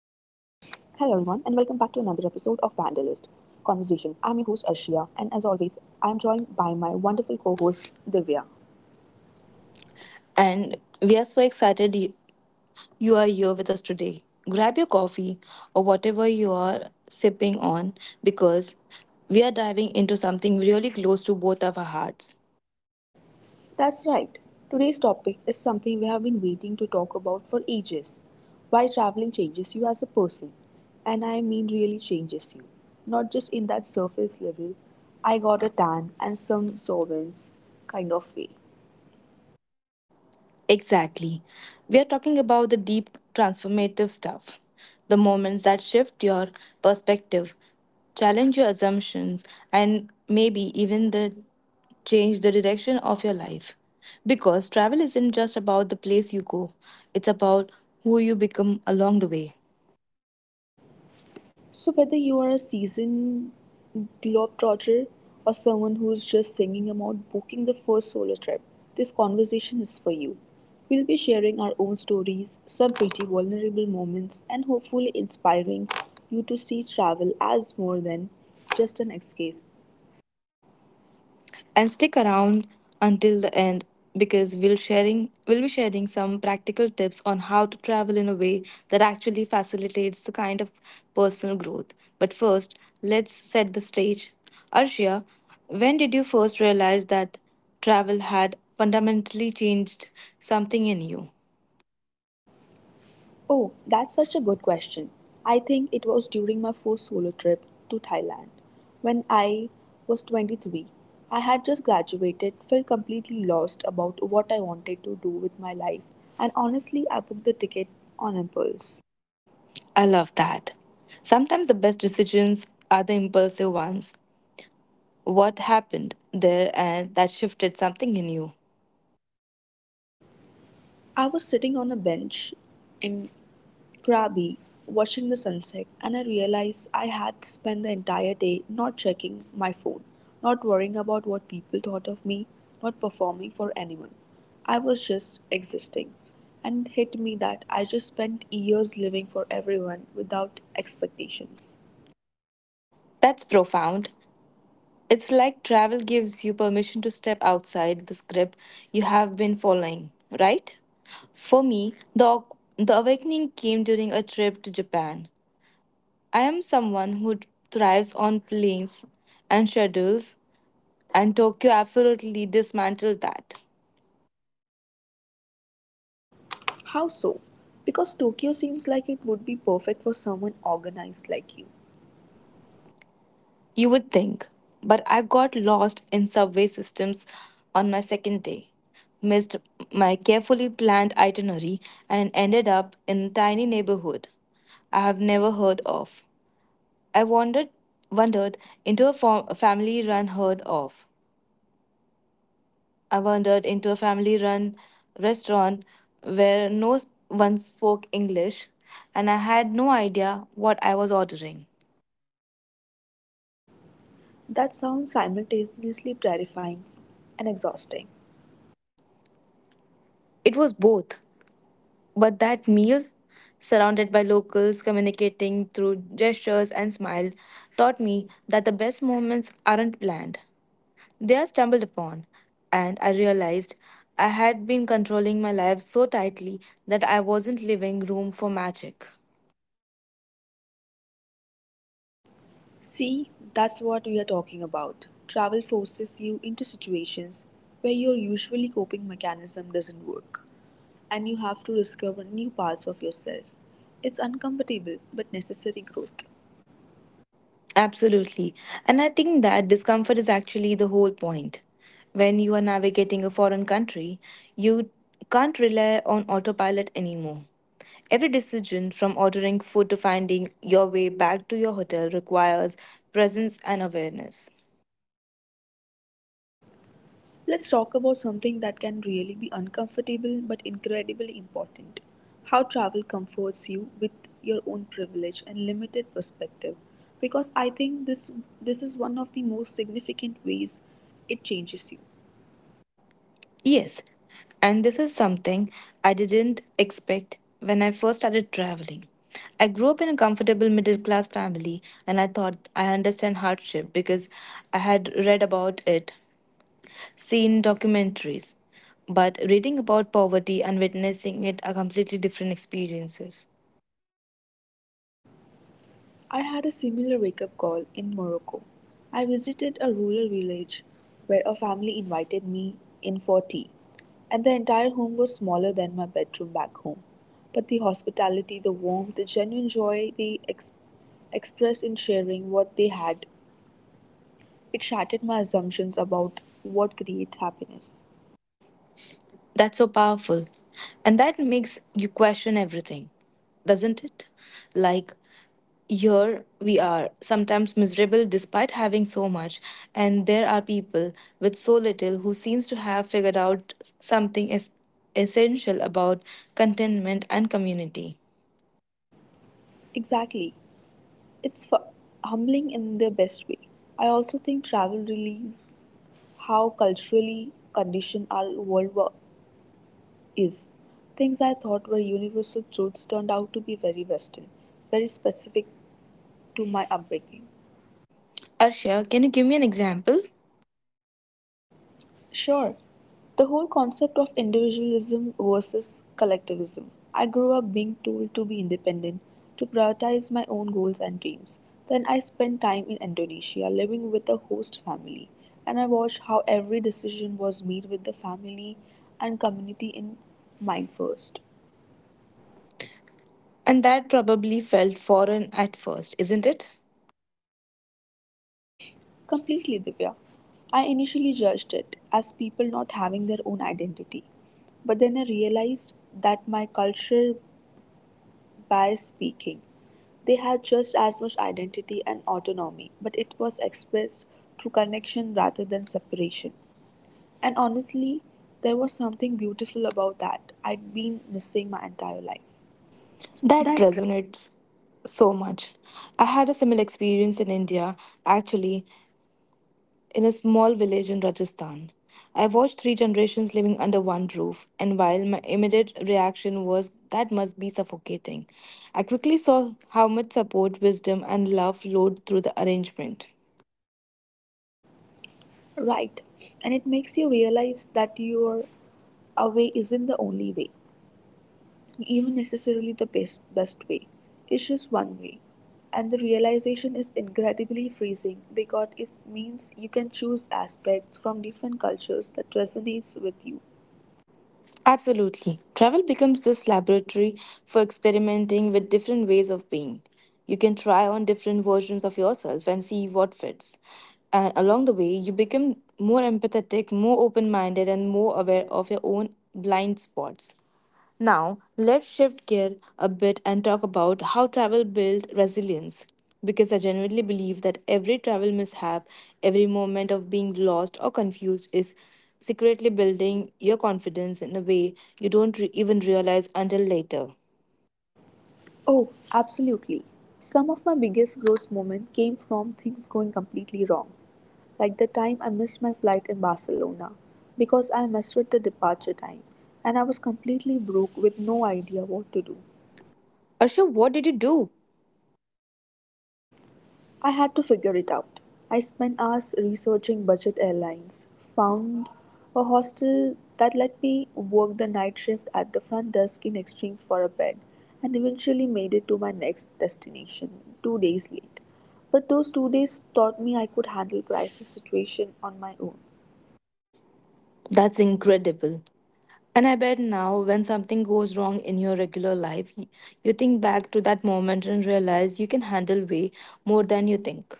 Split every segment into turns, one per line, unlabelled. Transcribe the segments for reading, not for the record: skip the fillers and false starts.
episode of Vandalist Conversation. I'm your host, Arshia, and as always, I'm joined by my wonderful co host, Divya.
And we are so excited you are here with us today. Grab your coffee or whatever you are sipping on because we are diving into something really close to both of our hearts.
That's right, today's topic is something we have been waiting to talk about for ages why traveling changes you as a person. And really changes you, not just in that surface level, I got a tan and some sovereigns kind of way.
Exactly. We are talking about the deep transformative stuff, the moments that shift your perspective, challenge your assumptions, and maybe even the change the direction of your life. Because travel isn't just about the place you go, it's about who you become along the way.
So, whether you are a seasoned globetrotter or someone who is just thinking about booking the first solo trip, this conversation is for you. We'll be sharing our own stories, some pretty vulnerable moments, and hopefully inspiring you to see travel as more than just an escape.
And stick around until the end because we'll be sharing some practical tips on how to travel in a way that actually facilitates the kind of personal growth. But first, let's set the stage. Arshia, when did you first realize that travel had fundamentally changed something in you?
Oh, that's such a good question. I think it was during my first solo trip to Thailand when I was 23. I had just graduated, felt completely lost about what I wanted to do with my life, and honestly, I booked the ticket on impulse.
I love that. Sometimes the best decisions are the impulsive ones. What happened there and that shifted something in you?
I was sitting on a bench in Krabi, watching the sunset, and I realized I had spent the entire day not checking my phone, not worrying about what people thought of me, not performing for anyone. I was just existing. And it hit me that I just spent years living for everyone without expectations.
That's profound. It's like travel gives you permission to step outside the script you have been following, right? For me, the awakening came during a trip to Japan. I am someone who thrives on planes and schedules, and Tokyo absolutely dismantled that.
How so? Because Tokyo seems like it would be perfect for someone organized like you.
You would think, but I got lost in subway systems on my second day, missed my carefully planned itinerary, and ended up in a tiny neighborhood I have never heard of. I wandered, wandered into a, fam- a family-run heard of. I wandered into a family-run restaurant where no one spoke English, and I had no idea what I was ordering.
That sounds simultaneously terrifying and exhausting.
It was both. But that meal, surrounded by locals communicating through gestures and smile, taught me that the best moments aren't planned. They are stumbled upon, and I realized I had been controlling my life so tightly that I wasn't leaving room for magic.
See, that's what we are talking about. Travel forces you into situations where your usually coping mechanism doesn't work, and you have to discover new parts of yourself. It's uncomfortable but necessary growth.
Absolutely. And I think that discomfort is actually the whole point. When you are navigating a foreign country, you can't rely on autopilot anymore. Every decision, from ordering food to finding your way back to your hotel, requires presence and awareness.
Let's talk about something that can really be uncomfortable but incredibly important how travel comforts you with your own privilege and limited perspective because I think this is one of the most significant ways it changes you.
Yes, and this is something I didn't expect when I first started traveling. I grew up in a comfortable middle class family, and I thought I understand hardship because I had read about it, seen documentaries. But reading about poverty and witnessing it are completely different experiences.
I had a similar wake up call in Morocco. I visited a rural village where a family invited me in for tea, and the entire home was smaller than my bedroom back home. But the hospitality, the warmth, the genuine joy they expressed in sharing what they had, it shattered my assumptions about what creates happiness.
That's so powerful. And that makes you question everything, doesn't it? Like, here we are, sometimes miserable despite having so much, and there are people with so little who seems to have figured out something essential about contentment and community.
Exactly. It's humbling in the best way. I also think travel relieves how culturally conditioned our world is things I thought were universal truths turned out to be very Western, very specific to my upbringing.
Arshia, can you give me an example?
Sure, the whole concept of individualism versus collectivism. I grew up being told to be independent, to prioritize my own goals and dreams. Then I spent time in Indonesia living with a host family, and I watched how every decision was made with the family and community in mind first.
And that probably felt foreign at first, isn't it?
Completely, Divya. I initially judged it as people not having their own identity. But then I realized that my culture, bias speaking, they had just as much identity and autonomy, but it was expressed through connection rather than separation. And honestly, there was something beautiful about that I'd been missing my entire life.
That resonates so much. I had a similar experience in India, actually, in a small village in Rajasthan. I watched three generations living under one roof, and while my immediate reaction was that must be suffocating, I quickly saw how much support, wisdom, and love flowed through the arrangement.
Right, and it makes you realize that your away isn't the only way. Even necessarily the best way. It's just one way. And the realization is incredibly freezing because it means you can choose aspects from different cultures that resonates with you.
Absolutely. Travel becomes this laboratory for experimenting with different ways of being. You can try on different versions of yourself and see what fits. And along the way, you become more empathetic, more open minded, and more aware of your own blind spots. Now, let's shift gear a bit and talk about how travel builds resilience. Because I genuinely believe that every travel mishap, every moment of being lost or confused is secretly building your confidence in a way you don't even realize until later.
Oh, absolutely. Some of my biggest growth moments came from things going completely wrong like the time I missed my flight in Barcelona because I misread the departure time and I was completely broke with no idea what to do.
Arsha, what did you do?
I had to figure it out. I spent hours researching budget airlines, found a hostel that let me work the night shift at the front desk in exchange for a bed, and eventually made it to my next destination 2 days late. But those 2 days taught me I could handle crisis situation on my own.
That's incredible. And I bet now, when something goes wrong in your regular life, you think back to that moment and realize you can handle way more than you think.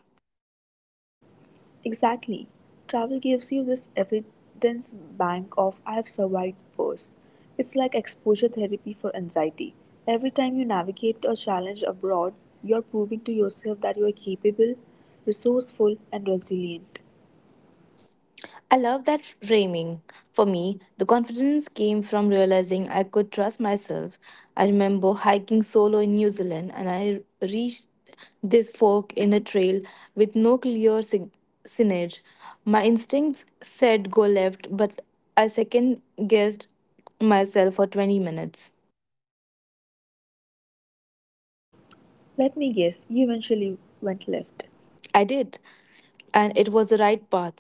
Exactly. Travel gives you this evidence bank of I have survived worse. It's like exposure therapy for anxiety. Every time you navigate a challenge abroad, you're proving to yourself that you are capable, resourceful, and resilient.
I love that framing. For me, the confidence came from realizing I could trust myself. I remember hiking solo in New Zealand and I reached this fork in a trail with no clear signage. My instincts said go left, but I second guessed myself for 20 minutes.
Let me guess, you eventually went left.
I did, and it was the right path.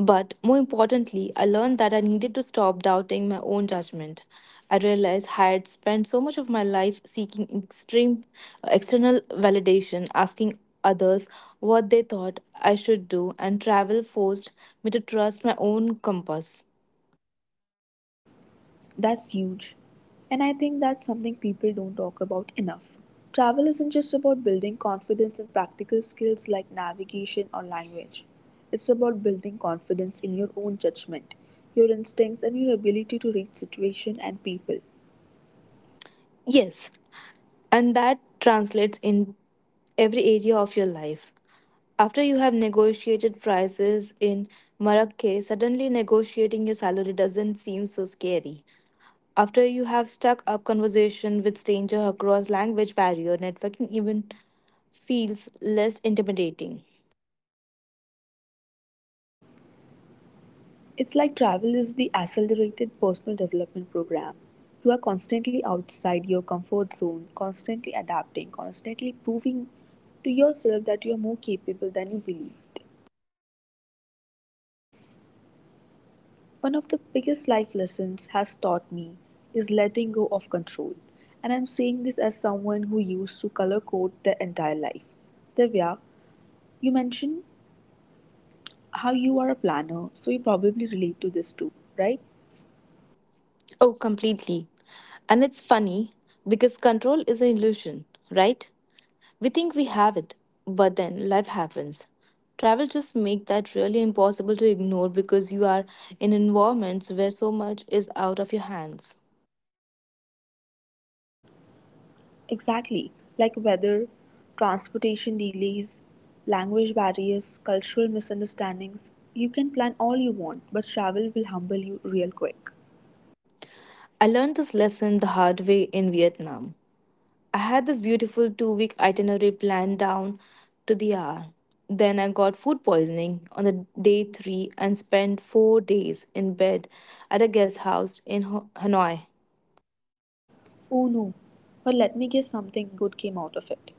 But more importantly, I learned that I needed to stop doubting my own judgment. I realized I had spent so much of my life seeking extreme external validation, asking others what they thought I should do, and travel forced me to trust my own compass.
That's huge. And I think that's something people don't talk about enough. Travel isn't just about building confidence in practical skills like navigation or language. It's about building confidence in your own judgment, your instincts, and your ability to read situation and people.
Yes, and that translates in every area of your life. After you have negotiated prices in Marrakech, suddenly negotiating your salary doesn't seem so scary. After you have stuck up conversation with stranger across language barrier, networking even feels less intimidating.
It's like travel is the accelerated personal development program. You are constantly outside your comfort zone, constantly adapting, constantly proving to yourself that you are more capable than you believed. One of the biggest life lessons has taught me is letting go of control. And I'm saying this as someone who used to color code their entire life. Divya, you mentioned how you are a planner, so you probably relate to this too, right?
Oh, completely. And it's funny because control is an illusion, right? We think we have it, but then life happens. Travel just makes that really impossible to ignore because you are in environments where so much is out of your hands.
Exactly. Like weather, transportation delays, language barriers, cultural misunderstandings. You can plan all you want, but travel will humble you real quick.
I learned this lesson the hard way in Vietnam. I had this beautiful 2-week itinerary planned down to the hour. Then I got food poisoning on the day three and spent 4 days in bed at a guest house in Hanoi.
Oh no, but let me guess something good came out of it.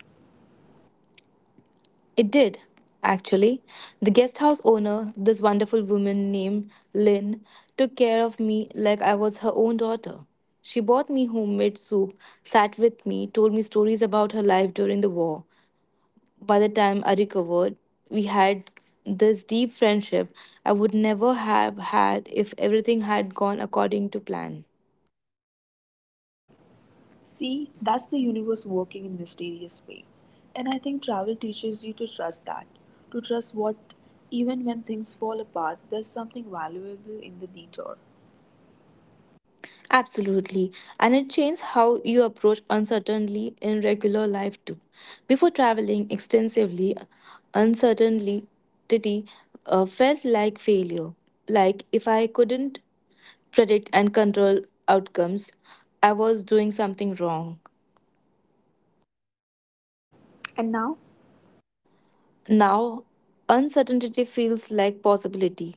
It did, actually. The guest house owner, this wonderful woman named Lynn, took care of me like I was her own daughter. She bought me homemade soup, sat with me, told me stories about her life during the war, by the time I recovered, we had this deep friendship I would never have had if everything had gone according to plan.
See, that's the universe working in mysterious way. And I think travel teaches you to trust that. To trust what even when things fall apart, there's something valuable in the detour.
Absolutely. And it changes how you approach uncertainty in regular life too. Before traveling extensively, uncertainty felt like failure. Like if I couldn't predict and control outcomes, I was doing something wrong.
And now,
Now, uncertainty feels like possibility.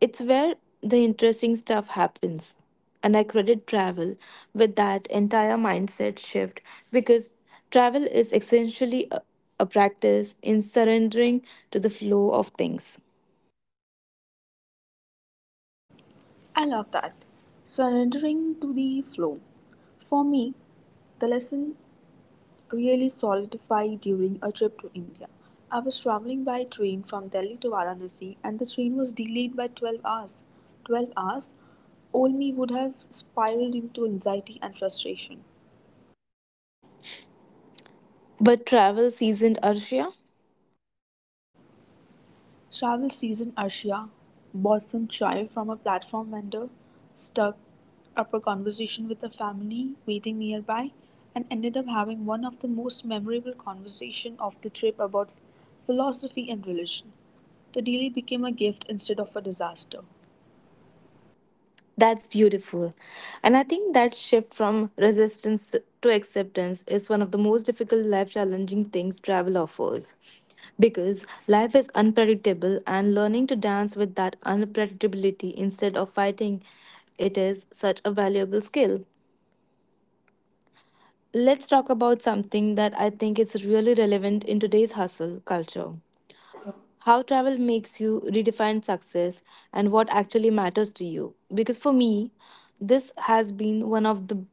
It's where the interesting stuff happens. And I credit travel with that entire mindset shift because travel is essentially a practice in surrendering to the flow of things.
I love that. Surrendering to the flow. For me, the lesson really solidify during a trip to India. I was traveling by train from Delhi to Varanasi and the train was delayed by 12 hours. 12 hours? All me would have spiraled into anxiety and frustration.
But travel seasoned Arshia?
Travel season Asia, Boston chai from a platform vendor, stuck up a conversation with a family waiting nearby, and ended up having one of the most memorable conversations of the trip about philosophy and religion. The delay became a gift instead of a disaster.
That's beautiful. And I think that shift from resistance to acceptance is one of the most difficult life challenging things travel offers. Because life is unpredictable, and learning to dance with that unpredictability instead of fighting it is such a valuable skill. Let's talk about something that I think is really relevant in today's hustle culture. How travel makes you redefine success and what actually matters to you. Because for me, this has been one of the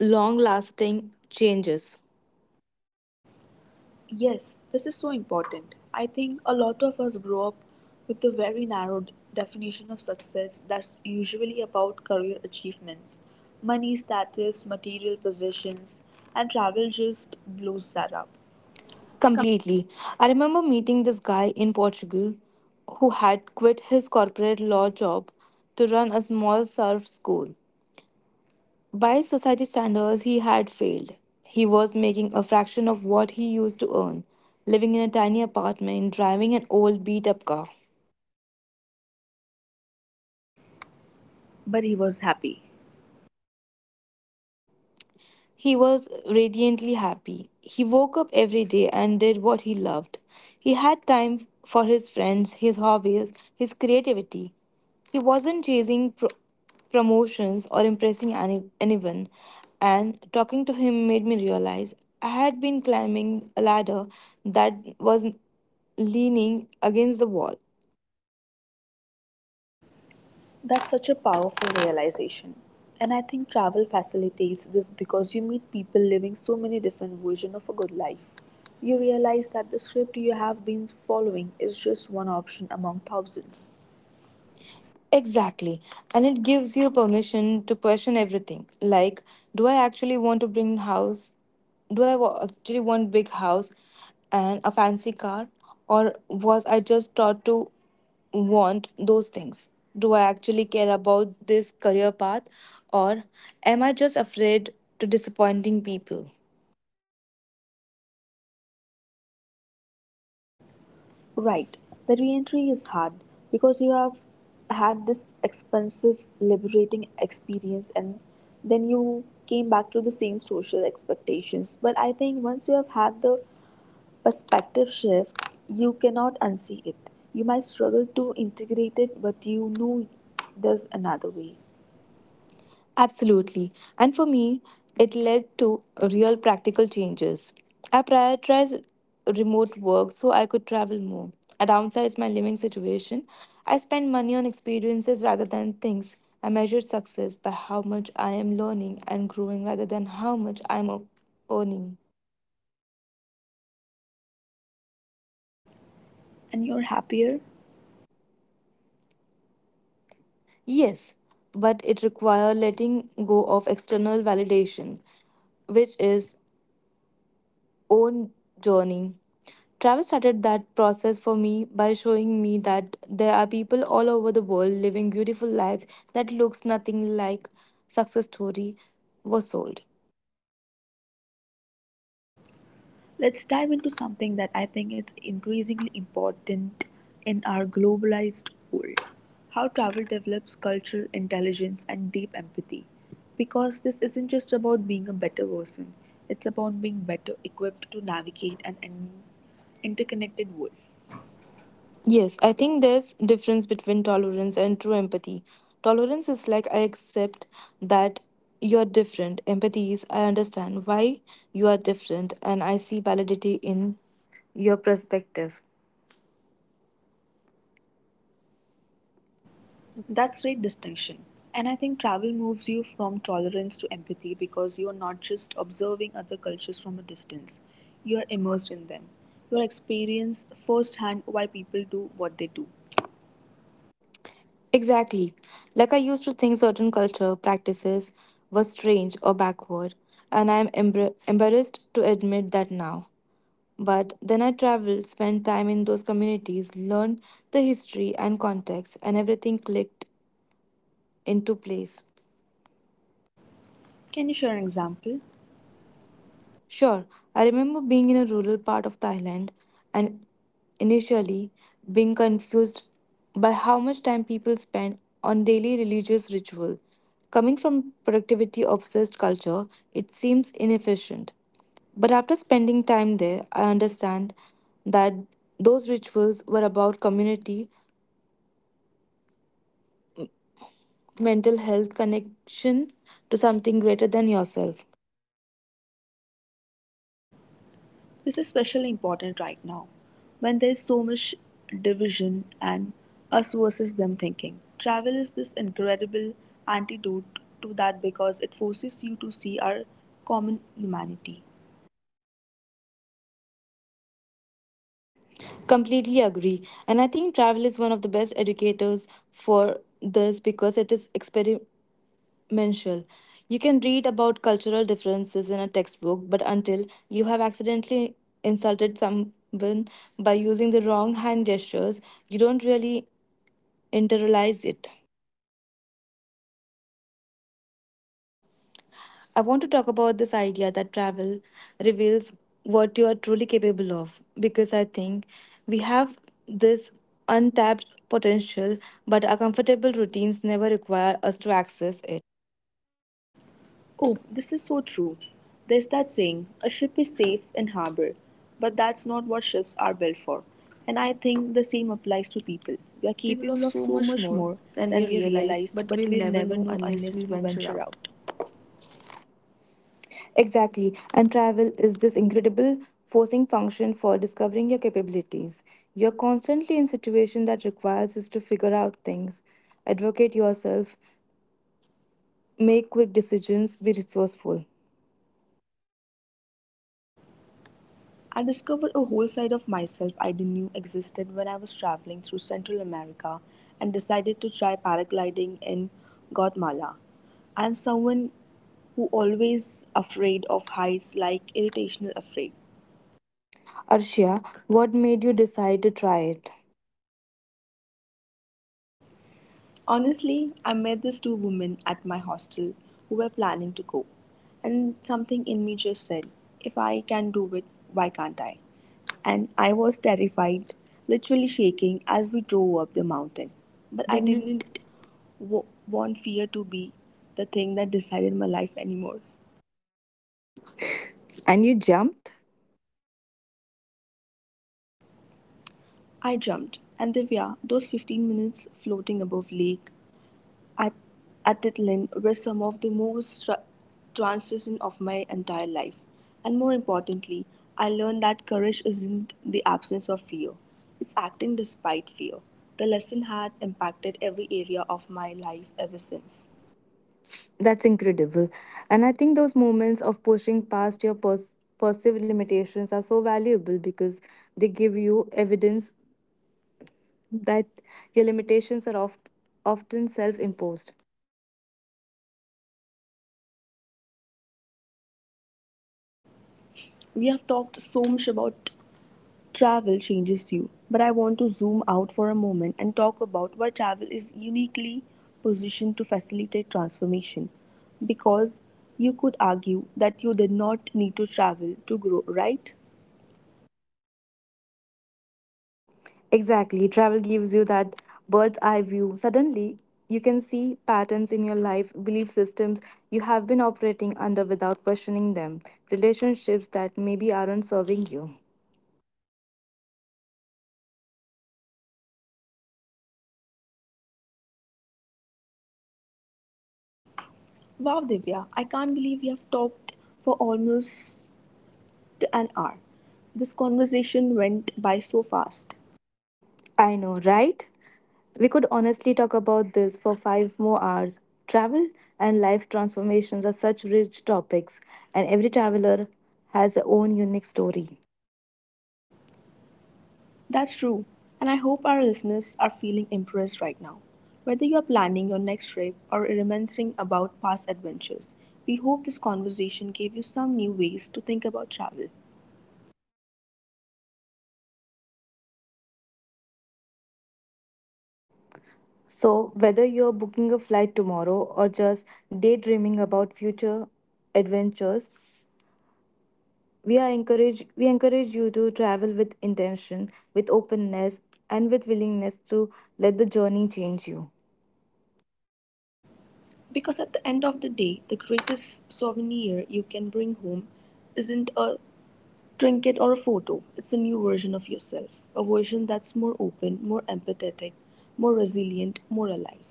long lasting changes.
Yes, this is so important. I think a lot of us grow up with a very narrow definition of success that's usually about career achievements. Money, status, material possessions, and travel just blows that up.
Completely. I remember meeting this guy in Portugal who had quit his corporate law job to run a small surf school. By society standards, he had failed. He was making a fraction of what he used to earn, living in a tiny apartment, driving an old beat up car.
But he was happy.
He was radiantly happy. He woke up every day and did what he loved. He had time for his friends, his hobbies, his creativity. He wasn't chasing promotions or impressing anyone. And talking to him made me realize I had been climbing a ladder that was leaning against the wall.
That's such a powerful realization. And I think travel facilitates this because you meet people living so many different versions of a good life. You realize that the script you have been following is just one option among thousands.
Exactly. And it gives you permission to question everything. Like, do I actually want to bring house? Do I actually want big house and a fancy car? Or was I just taught to want those things? Do I actually care about this career path? Or am I just afraid to disappointing people?
Right. The re-entry is hard because you have had this expensive, liberating experience and then you came back to the same social expectations. But I think once you have had the perspective shift, you cannot unsee it. You might struggle to integrate it, but you know there's another way.
Absolutely. And for me, it led to real practical changes. I prioritized remote work so I could travel more. I downsized my living situation. I spent money on experiences rather than things. I measured success by how much I am learning and growing rather than how much I am earning.
And you're happier.
Yes, but it requires letting go of external validation, which is own journey. Travel started that process for me by showing me that there are people all over the world living beautiful lives that looks nothing like success story was sold.
Let's dive into something that I think is increasingly important in our globalized world how travel develops cultural intelligence and deep empathy. Because this isn't just about being a better person, it's about being better equipped to navigate an interconnected world.
Yes, I think there's difference between tolerance and true empathy. Tolerance is like I accept that you're different. Empathy is I understand why you are different and I see validity in your perspective.
That's great distinction. And I think travel moves you from tolerance to empathy because you're not just observing other cultures from a distance, you're immersed in them. You experience firsthand why people do what they do.
Exactly. Like I used to think certain culture practices were strange or backward, and I am embarrassed to admit that now. But then I traveled, spent time in those communities, learned the history and context, and everything clicked into place.
Can you share an example?
Sure, I remember being in a rural part of Thailand and initially being confused by how much time people spend on daily religious ritual. Coming from productivity obsessed culture, it seems inefficient. But after spending time there, I understand that those rituals were about community, mental health, connection to something greater than yourself.
This is especially important right now when there's so much division and us versus them thinking. Travel is this incredible antidote to that because it forces you to see our common humanity.
Completely agree. And I think travel is one of the best educators for this because it is experimental. You can read about cultural differences in a textbook, but until you have accidentally insulted someone by using the wrong hand gestures, you don't really internalize it. I want to talk about this idea that travel reveals what you are truly capable of because I think we have this untapped potential, but our comfortable routines never require us to access it.
Oh, this is so true. There's that saying, a ship is safe in harbor, but that's not what ships are built for. And I think the same applies to people. We are
Capable
capable
of
of
so
so
much
much
more
more
than we
than we
realize,
realize,
but
but
we'll
we'll
never
never
know
know
unless
unless
we
we
venture
venture
out.
out.
Exactly. And travel is this incredible forcing function for discovering your capabilities. You're constantly in situations that requires you to figure out things, advocate yourself, make quick decisions, be resourceful.
I discovered a whole side of myself I didn't know existed when I was traveling through Central America and decided to try paragliding in Guatemala. I'm someone who always afraid of heights like irritational afraid.
Arshia, what made you decide to try it?
Honestly, I met these two women at my hostel who were planning to go, and something in me just said, if I can do it, why can't I? And I was terrified, literally shaking as we drove up the mountain.
I
But I
didn't.
didn't want fear to be the thing that decided my life anymore.
And you jumped?
I jumped, and Divya, those 15 minutes floating above lake At, at Atitlan were some of the most transition of my entire life. And more importantly, I learned that courage isn't the absence of fear, it's acting despite fear. The lesson had impacted every area of my life ever since.
That's incredible. And I think those moments of pushing past your perceived limitations are so valuable because they give you evidence that your limitations are often self imposed.
We have talked so much about Travel changes you, but I want to zoom out for a moment and talk about why travel is uniquely positioned to facilitate transformation. Because you could argue that you did not need to travel to grow, right?
Exactly. Travel gives you that bird's eye view. Suddenly, you can see patterns in your life, belief systems you have been operating under without questioning them, relationships that maybe aren't serving you.
Wow, Divya, I can't believe we have talked for almost an hour. This conversation went by so fast.
I know, right? We could honestly talk about this for 5 more hours. Travel and life transformations are such rich topics, and every traveler has their own unique story.
That's true, and I hope our listeners are feeling impressed right now. Whether you are planning your next trip or reminiscing about past adventures, we hope this conversation gave you some new ways to think about travel.
So, whether you're booking a flight tomorrow or just daydreaming about future adventures, we encourage you to travel with intention, with openness, and with willingness to let the journey change you.
Because at the end of the day, the greatest souvenir you can bring home isn't a trinket or a photo, it's a new version of yourself, a version that's more open, more empathetic, more resilient, more alive.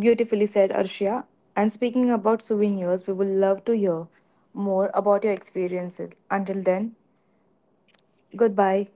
Beautifully said, Arshia. And speaking about souvenirs, we would love to hear more about your experiences. Until then, goodbye.